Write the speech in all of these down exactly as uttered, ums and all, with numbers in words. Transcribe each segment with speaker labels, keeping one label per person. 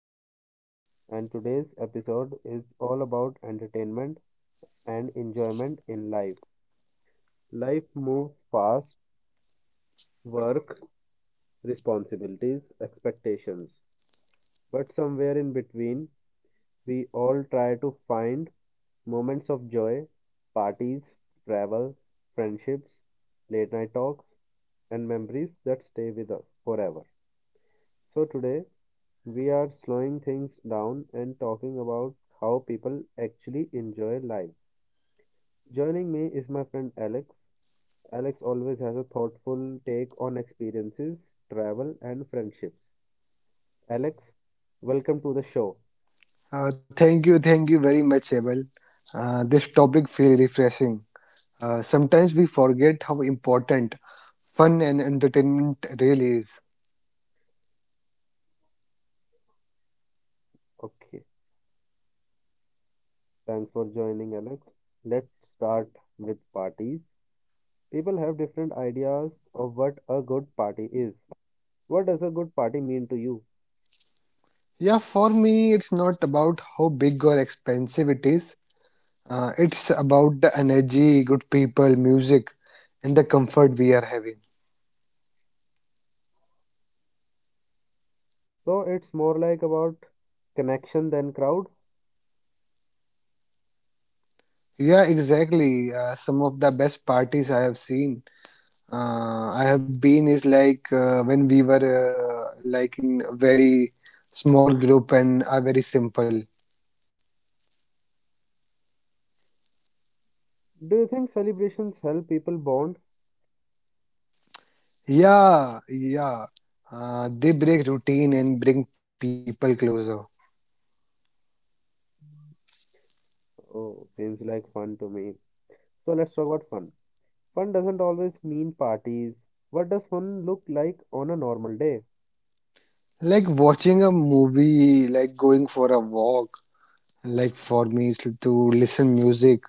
Speaker 1: Abel, and today's episode is all about entertainment and enjoyment in life. Life moves fast, work, responsibilities, expectations. But somewhere in between, we all try to find moments of joy, parties, travel, friendships, late night talks, and memories that stay with us forever. So, today we are slowing things down and talking about how people actually enjoy life. Joining me is my friend Alex. Alex always has a thoughtful take on experiences, travel, and friendships. Alex, welcome to the show.
Speaker 2: Uh, thank you, thank you very much, Abel. Uh, this topic feels refreshing. Uh, sometimes we forget how important fun and entertainment really is.
Speaker 1: Okay, thanks for joining, Alex. Let's start with parties. People have different ideas of what a good party is. What does a good party mean to you?
Speaker 2: Yeah, for me, it's not about how big or expensive it is. Uh, it's about the energy, good people, music, and the comfort we are having.
Speaker 1: So it's more like about connection than crowd.
Speaker 2: Yeah, exactly. Uh, some of the best parties I have seen uh, I have been is like uh, when we were uh, like in a very small group and are very simple.
Speaker 1: Do you think celebrations help people bond?
Speaker 2: Yeah, yeah. Uh, they break routine and bring people closer.
Speaker 1: Oh, seems like fun to me. So let's talk about fun. Fun doesn't always mean parties. What does fun look like on a normal day?
Speaker 2: Like watching a movie, like going for a walk. Like for me it's to listen music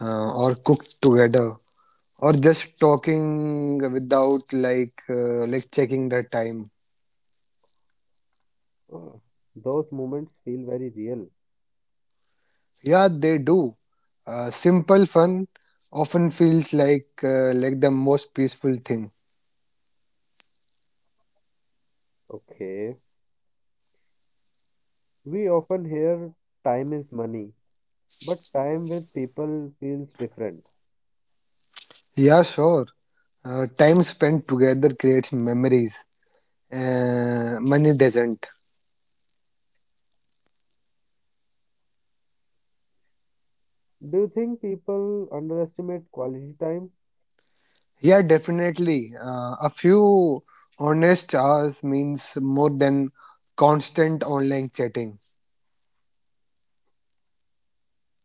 Speaker 2: uh, or cook together or just talking without like uh, like checking the time.
Speaker 1: Oh, those moments feel very real.
Speaker 2: Yeah, they do. Uh, simple fun often feels like uh, like the most peaceful thing.
Speaker 1: Okay. We often hear time is money, but time with people feels different.
Speaker 2: Yeah, sure. Uh, time spent together creates memories. Uh, money doesn't.
Speaker 1: Do you think people underestimate quality time?
Speaker 2: Yeah, definitely. Uh, a few honest hours means more than constant online chatting.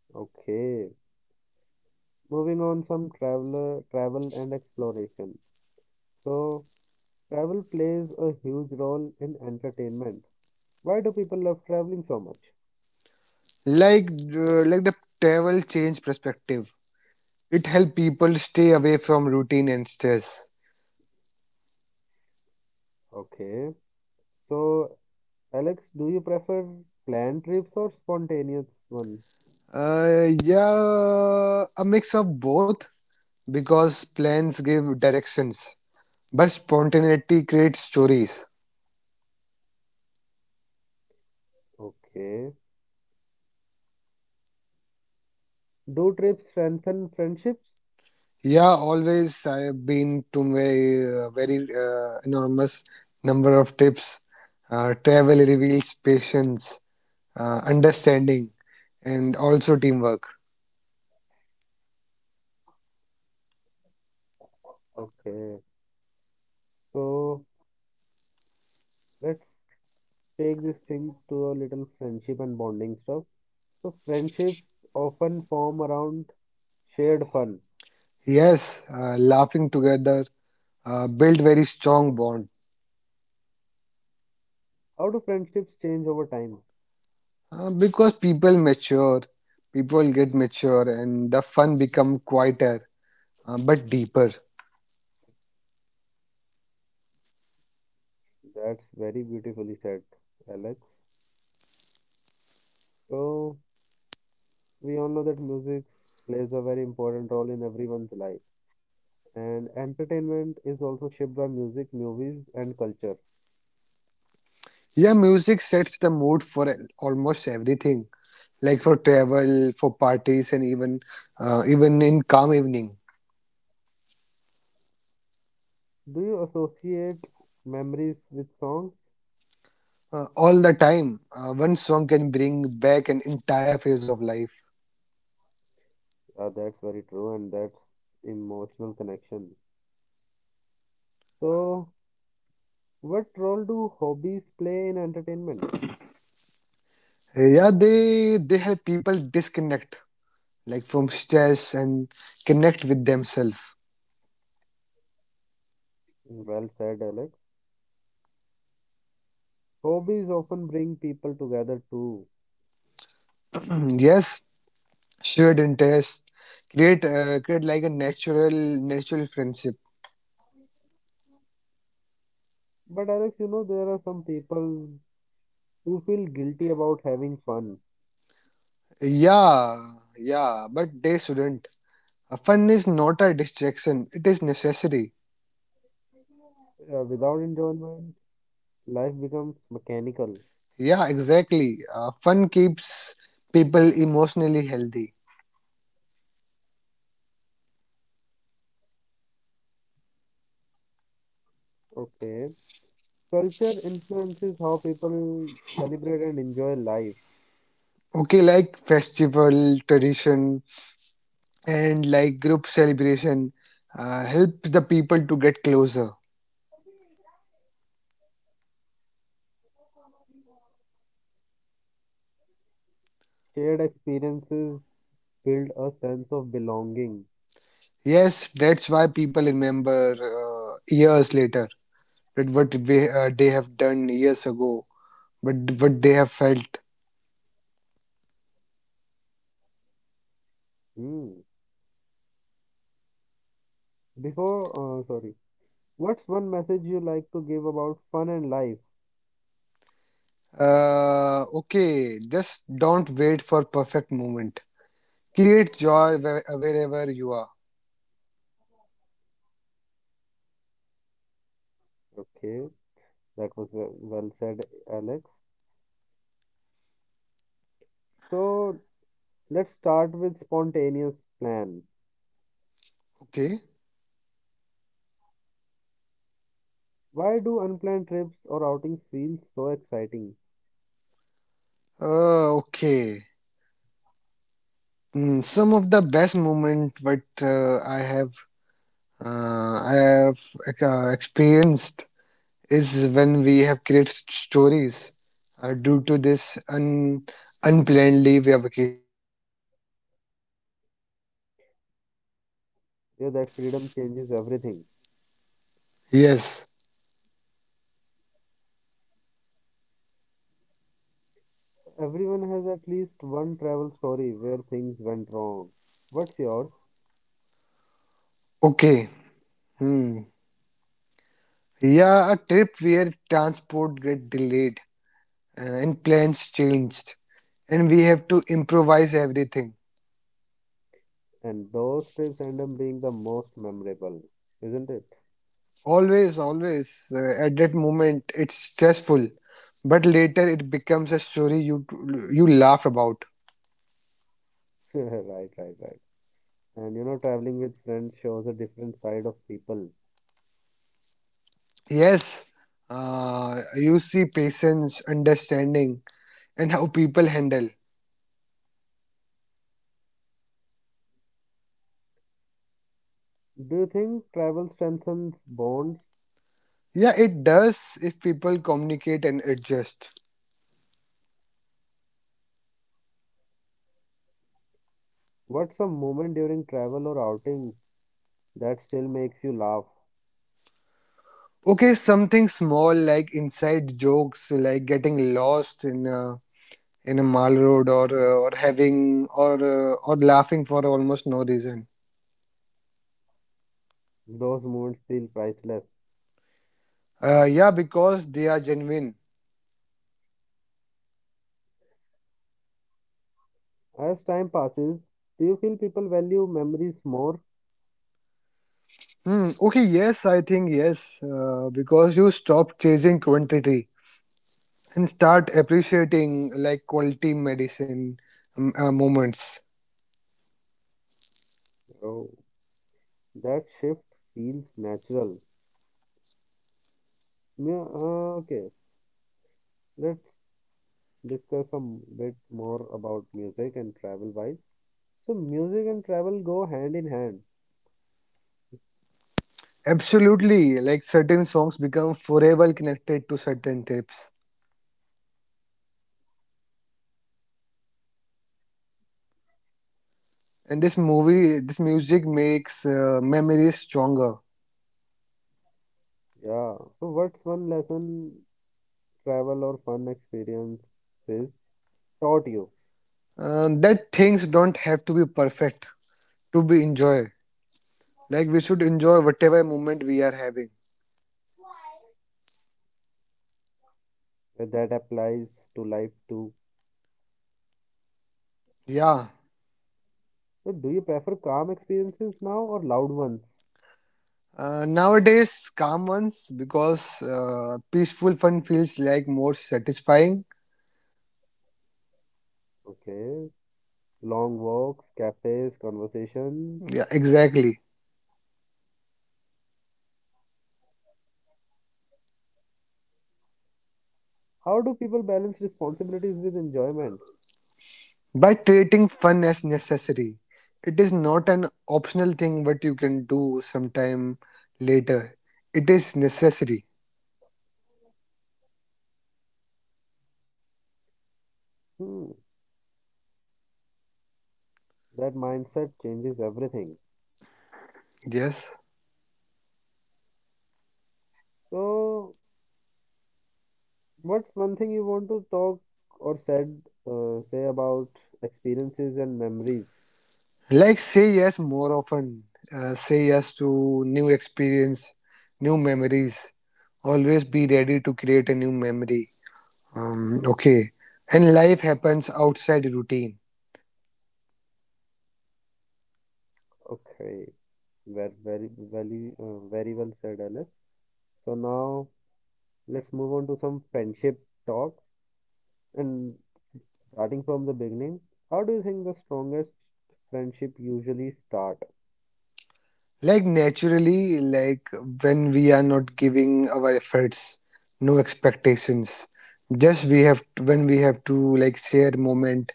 Speaker 1: Okay. Moving on some traveler travel and exploration. So travel plays a huge role in entertainment. Why do people love traveling so much?
Speaker 2: Like uh, like the travel change perspective. It helps people stay away from routine and stress.
Speaker 1: Okay. So, Alex, do you prefer planned trips or spontaneous one?
Speaker 2: Uh, yeah, a mix of both. Because plans give directions, but spontaneity creates stories.
Speaker 1: Okay. Do trips strengthen friendships?
Speaker 2: Yeah, always I have been to a very uh, enormous number of trips. Uh, travel reveals patience, uh, understanding, and also teamwork.
Speaker 1: Okay. So, let's take this thing to a little friendship and bonding stuff. So, friendships often form around shared fun.
Speaker 2: Yes, uh, laughing together uh, build very strong bond
Speaker 1: How do friendships change over time?
Speaker 2: uh, because people mature, people get mature, and the fun become quieter uh, but deeper.
Speaker 1: That's very beautifully said, Alex. So, we all know that music plays a very important role in everyone's life, and entertainment is also shaped by music, movies, and culture.
Speaker 2: Yeah, music sets the mood for al- almost everything, like for travel, for parties, and even uh, even in calm evening.
Speaker 1: Do you associate memories with songs?
Speaker 2: Uh, all the time, uh, one song can bring back an entire phase of life.
Speaker 1: Uh, that's very true, and that's emotional connection. So, what role do hobbies play in entertainment?
Speaker 2: Yeah, they they help people disconnect, like from stress and connect with themselves.
Speaker 1: Mm, well said, Alex. Hobbies often bring people together too.
Speaker 2: Mm, yes, shared interest create uh, create like a natural natural friendship.
Speaker 1: But, Alex, you know, there are some people who feel guilty about having fun
Speaker 2: Yeah, yeah, but they shouldn't. Uh, Fun is not a distraction, it is necessary.
Speaker 1: uh, without enjoyment. Life becomes mechanical.
Speaker 2: Yeah, exactly. Uh, fun keeps people emotionally healthy.
Speaker 1: Okay. Culture influences how people celebrate and enjoy life.
Speaker 2: Okay, like festival, tradition, and like group celebration uh, help the people to get closer.
Speaker 1: Shared experiences build a sense of belonging.
Speaker 2: Yes, that's why people remember uh, years later that what we, uh, they have done years ago, but what they have felt.
Speaker 1: Hmm. Before, uh, sorry. What's one message you like to give about fun and life?
Speaker 2: Uh, okay, just don't wait for perfect moment. Create joy where- wherever you are.
Speaker 1: Okay. That was well well said, Alex. So let's start with spontaneous plan.
Speaker 2: Okay.
Speaker 1: Why do unplanned trips or outings feel so exciting?
Speaker 2: Uh, okay. Mm, some of the best moment what uh, I have uh, I have uh, experienced is when we have created stories uh, due to this un unplanned leave vacation.
Speaker 1: Yeah, that freedom changes everything.
Speaker 3: Yes.
Speaker 1: Everyone has at least one travel story where things went wrong. What's yours?
Speaker 3: Okay. Hmm. Yeah, a trip where transport get delayed, uh, and plans changed, and we have to improvise everything.
Speaker 1: And those trips end up being the most memorable, isn't it?
Speaker 3: Always, always. Uh, at that moment, it's stressful, but later it becomes a story you you laugh about.
Speaker 1: Right, right, right. And you know, traveling with friends shows a different side of people.
Speaker 3: Yes. Uh, you see patience, understanding, and how people handle.
Speaker 1: Do you think travel strengthens bonds?
Speaker 3: Yeah, it does if people communicate and adjust.
Speaker 1: What's a moment during travel or outings that still makes you laugh?
Speaker 3: Okay, something small like inside jokes, like getting lost in a in a mall road, or uh, or having or uh, or laughing for almost no reason.
Speaker 1: Those moments feel priceless.
Speaker 3: Uh, yeah, because they are genuine.
Speaker 1: As time passes, do you feel people value memories more?
Speaker 3: Hmm. Okay. Yes, I think yes. Uh, because you stop chasing quantity and start appreciating like quality medicine um, uh, moments.
Speaker 1: Oh, that shift feels natural. Yeah, uh, okay, let's discuss a m- bit more about music and travel wise. So, music and travel go hand in hand.
Speaker 3: Absolutely. Like certain songs become forever connected to certain tips. And this movie, this music makes uh, memories stronger.
Speaker 1: Yeah, so what's one lesson travel or fun experience is taught you
Speaker 3: Uh, that things don't have to be perfect to be enjoyed. Like we should enjoy whatever moment we are having.
Speaker 1: and that applies to life too?
Speaker 3: Yeah.
Speaker 1: So, do you prefer calm experiences now or loud ones?
Speaker 3: Uh, nowadays, calm ones because uh, peaceful fun feels like more satisfying.
Speaker 1: Okay, long walks, cafes, conversations.
Speaker 3: Yeah, exactly.
Speaker 1: How do people balance responsibilities with enjoyment?
Speaker 3: By treating fun as necessary, it is not an optional thing what you can do sometime later. It is necessary.
Speaker 1: Hmm, that mindset changes everything.
Speaker 3: Yes.
Speaker 1: So, what's one thing you want to talk or said uh, say about experiences and memories?
Speaker 3: Like, say yes more often. Uh, say yes to new experience, new memories. Always be ready to create a new memory. Um, okay. And life happens outside routine.
Speaker 1: Okay, very very very uh, very well said, Alex. So now let's move on to some friendship talks. And starting from the beginning, how do you think the strongest friendship usually start?
Speaker 3: Like, naturally, like when we are not giving our efforts, no expectations. Just we have, when we have to like share moment.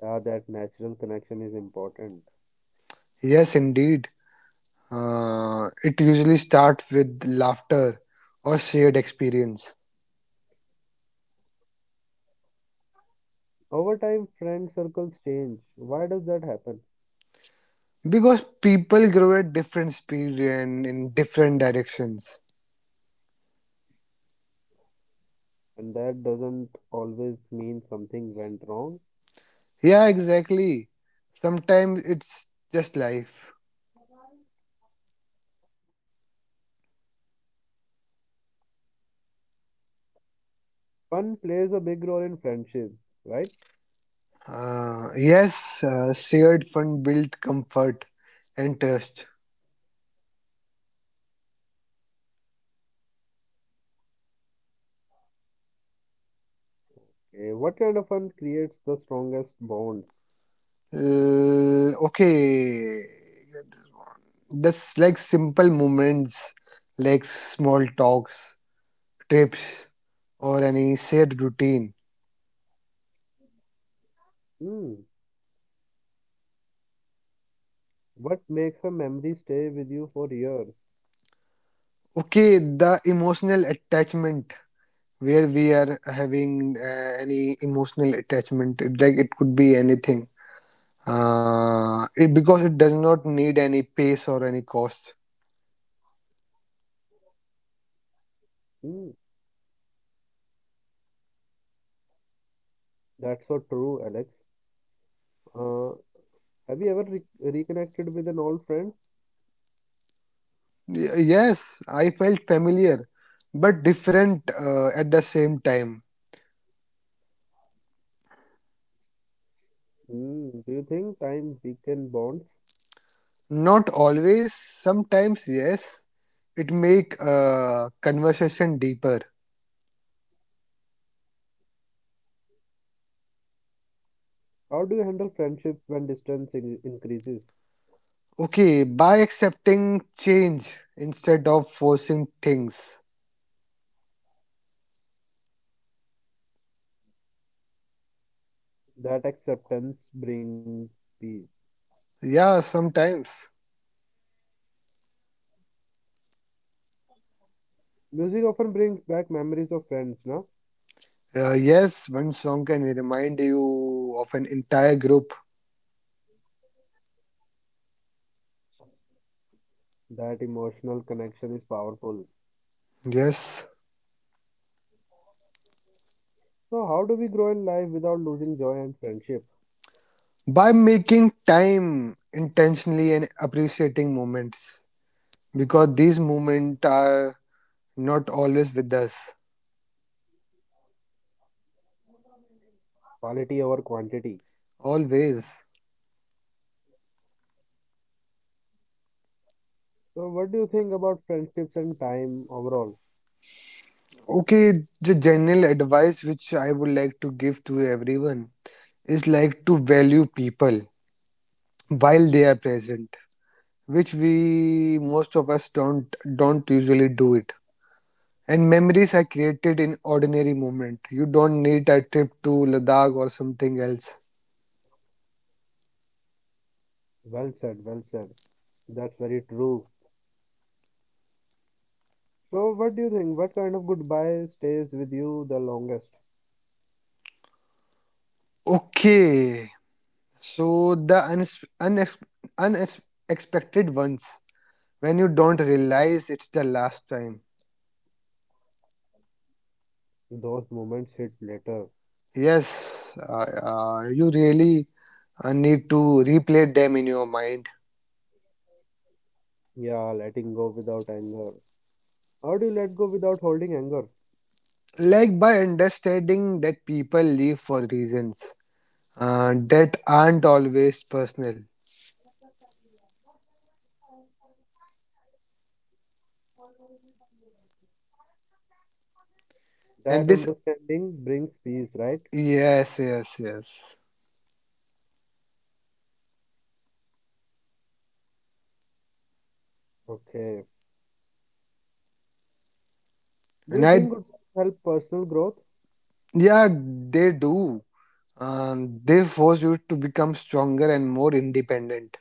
Speaker 1: Yeah, that natural connection is important.
Speaker 3: Yes, indeed. Uh, it usually starts with laughter or shared experience.
Speaker 1: Over time, friend circles change. Why does that happen?
Speaker 3: Because people grow at different speed and in different directions.
Speaker 1: And that doesn't always mean something went wrong.
Speaker 3: Yeah, exactly. Sometimes it's just life.
Speaker 1: Fun plays a big role in friendships, right?
Speaker 3: Uh, yes, uh, shared fun build comfort and trust.
Speaker 1: Eh, what kind of fun creates the strongest bonds?
Speaker 3: Uh, okay, just like simple moments, like small talks, trips, or any shared routine.
Speaker 1: Hmm. What makes a memory stay with you for years?
Speaker 3: Okay, the emotional attachment where we are having uh, any emotional attachment it, like it could be anything, uh, it, because it does not need any pace or any cost.
Speaker 1: Hmm. That's so true, Alex. Uh, have you ever re- reconnected with an old friend?
Speaker 3: Y- yes, I felt familiar but different uh, at the same time.
Speaker 1: Hmm. Do you think time weakens bonds?
Speaker 3: Not always, sometimes yes, it make uh, conversation deeper.
Speaker 1: How do you handle friendship when distance in- increases?
Speaker 3: Okay, by accepting change instead of forcing things.
Speaker 1: That acceptance brings peace.
Speaker 3: Yeah, sometimes.
Speaker 1: Music often brings back memories of friends, na?
Speaker 3: Uh, yes, one song can remind you of an entire group.
Speaker 1: That emotional connection is powerful.
Speaker 3: Yes.
Speaker 1: So, how do we grow in life without losing joy and friendship?
Speaker 3: By making time intentionally and appreciating moments. Because these moments are not always with us.
Speaker 1: Quality over quantity.
Speaker 3: Always.
Speaker 1: So, what do you think about friendships and time overall?
Speaker 3: Okay, the general advice which I would like to give to everyone is like to value people while they are present. Which we most of us don't don't usually do it. And memories are created in ordinary moment. You don't need a trip to Ladakh or something else.
Speaker 1: Well said, well said. That's very true. So, what do you think? What kind of goodbye stays with you the longest?
Speaker 3: Okay, so the unex- unex- unexpected ones when you don't realize it's the last time.
Speaker 1: Those moments hit later.
Speaker 3: Yes, uh, uh, you really uh, need to replay them in your mind.
Speaker 1: Yeah, letting go without anger. How do you let go without holding anger?
Speaker 3: Like by understanding that people leave for reasons uh, that aren't always personal. And
Speaker 1: That
Speaker 3: this,
Speaker 1: understanding brings peace, right?
Speaker 3: yes, yes, yes.
Speaker 1: Okay. Do
Speaker 3: And
Speaker 1: you
Speaker 3: I.
Speaker 1: think goodbyes help personal growth?
Speaker 3: Yeah, they do. Um, they force you to become stronger and more independent.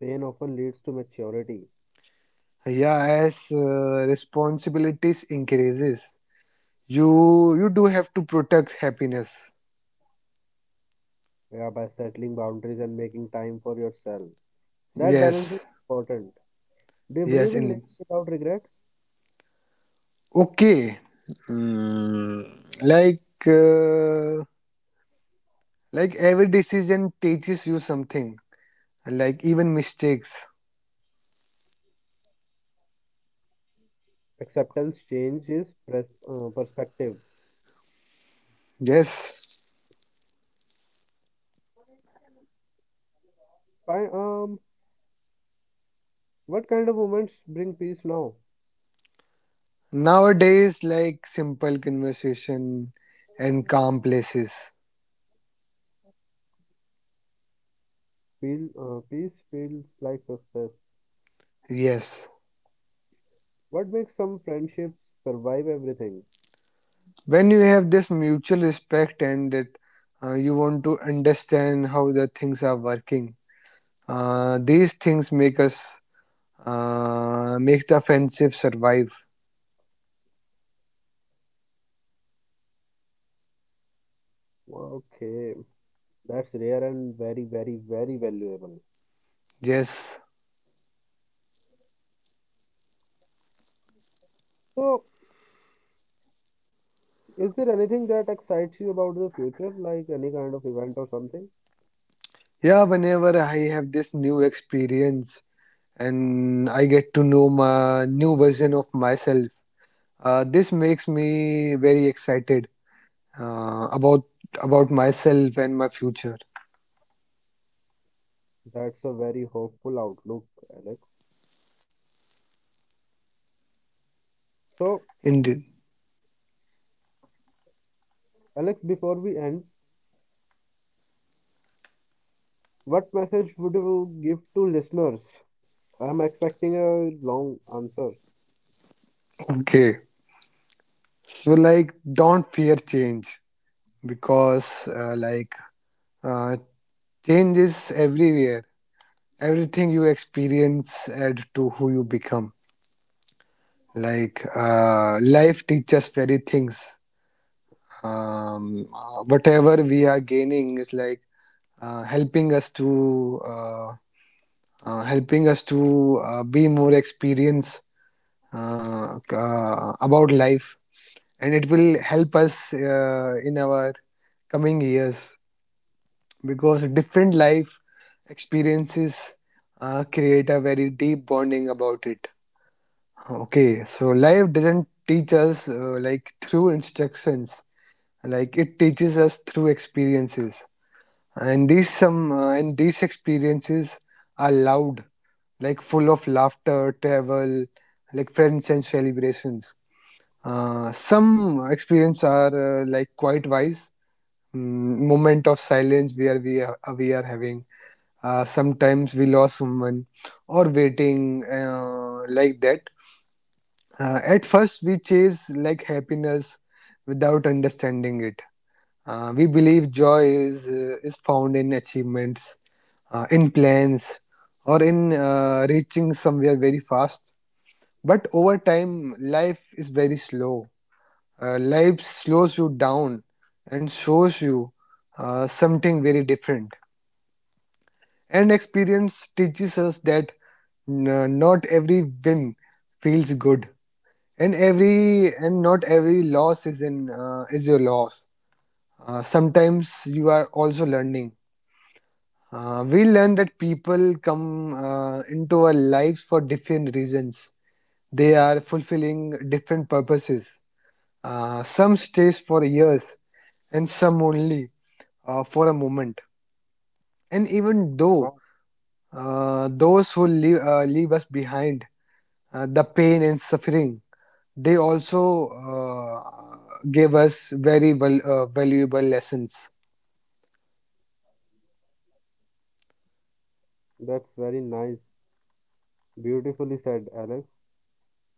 Speaker 1: Pain often leads to maturity.
Speaker 3: Yeah, as uh, responsibilities increases, you you do have to protect happiness.
Speaker 1: Yeah, by settling boundaries and making time for yourself. That balance is
Speaker 3: Yes,
Speaker 1: important. Do you believe
Speaker 3: yes.
Speaker 1: in living
Speaker 3: In
Speaker 1: without regret?
Speaker 3: okay, Mm, like uh, like every decision teaches you something. Like even mistakes.
Speaker 1: Acceptance changes pres- uh, perspective.
Speaker 3: Yes.
Speaker 1: Fi um, What kind of moments bring peace now?
Speaker 3: Nowadays, like simple conversation and calm places.
Speaker 1: Feel uh, Peace feels like success.
Speaker 3: Yes.
Speaker 1: What makes some friendships survive everything?
Speaker 3: When you have this mutual respect and that, uh, you want to understand how the things are working, uh, these things make us, uh, makes the friendship survive.
Speaker 1: Okay, that's rare and very, very, very valuable.
Speaker 3: Yes.
Speaker 1: So, is there anything that excites you about the future, like any kind of event or something?
Speaker 3: Yeah, whenever I have this new experience and I get to know my new version of myself, uh, this makes me very excited uh, about about myself and my future.
Speaker 1: That's a very hopeful outlook, Alex. So,
Speaker 3: Indeed.
Speaker 1: Alex, before we end, what message would you give to listeners? I'm expecting a long answer.
Speaker 3: Okay, so like don't fear change because uh, like uh, change is everywhere. Everything you experience add to who you become. Like uh, life teaches very things. Um, uh, whatever we are gaining is like uh, helping us to uh, uh, helping us to uh, be more experienced uh, uh, about life, and it will help us uh, in our coming years because different life experiences uh, create a very deep bonding about it. Okay, so life doesn't teach us uh, like through instructions, like it teaches us through experiences, and these some uh, and these experiences are loud, like full of laughter, travel, like friends and celebrations. Uh, some experience are uh, like quite wise. Mm, moment of silence where we are we are having, uh, sometimes we lost someone or waiting uh, like that. Uh, at first we chase like happiness without understanding it. Uh, we believe joy is uh, is found in achievements, uh, in plans, or in uh, reaching somewhere very fast. But over time life is very slow, uh, life slows you down and shows you uh, something very different. And experience teaches us that n- not every win feels good, and every and not every loss is in uh, is your loss. Uh, sometimes you are also learning. Uh, we learn that people come uh, into our lives for different reasons. They are fulfilling different purposes. Uh, some stays for years, and some only uh, for a moment. And even though.
Speaker 1: Wow,
Speaker 3: Uh, those who leave, uh, leave us behind uh, the pain and suffering, they also uh, gave us very val- uh, valuable lessons.
Speaker 1: that's very nice. Beautifully said, Alex.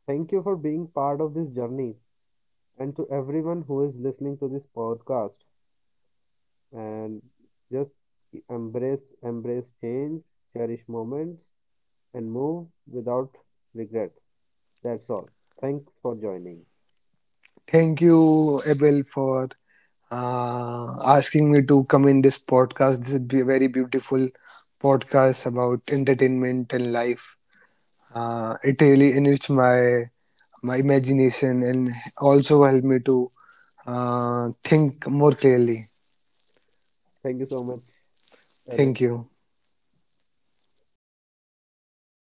Speaker 1: Thank you for being part of this journey and to everyone who is listening to this podcast. And just embrace, embrace change, cherish moments, and move without regret. That's all. Thanks for joining.
Speaker 3: Thank you, Abel, for uh, asking me to come in this podcast. This is a very beautiful podcast about entertainment and life. Uh, it really enriched my my imagination and also helped me to uh, think more clearly.
Speaker 1: Thank you so much,
Speaker 3: Thank
Speaker 1: Alex.
Speaker 3: you.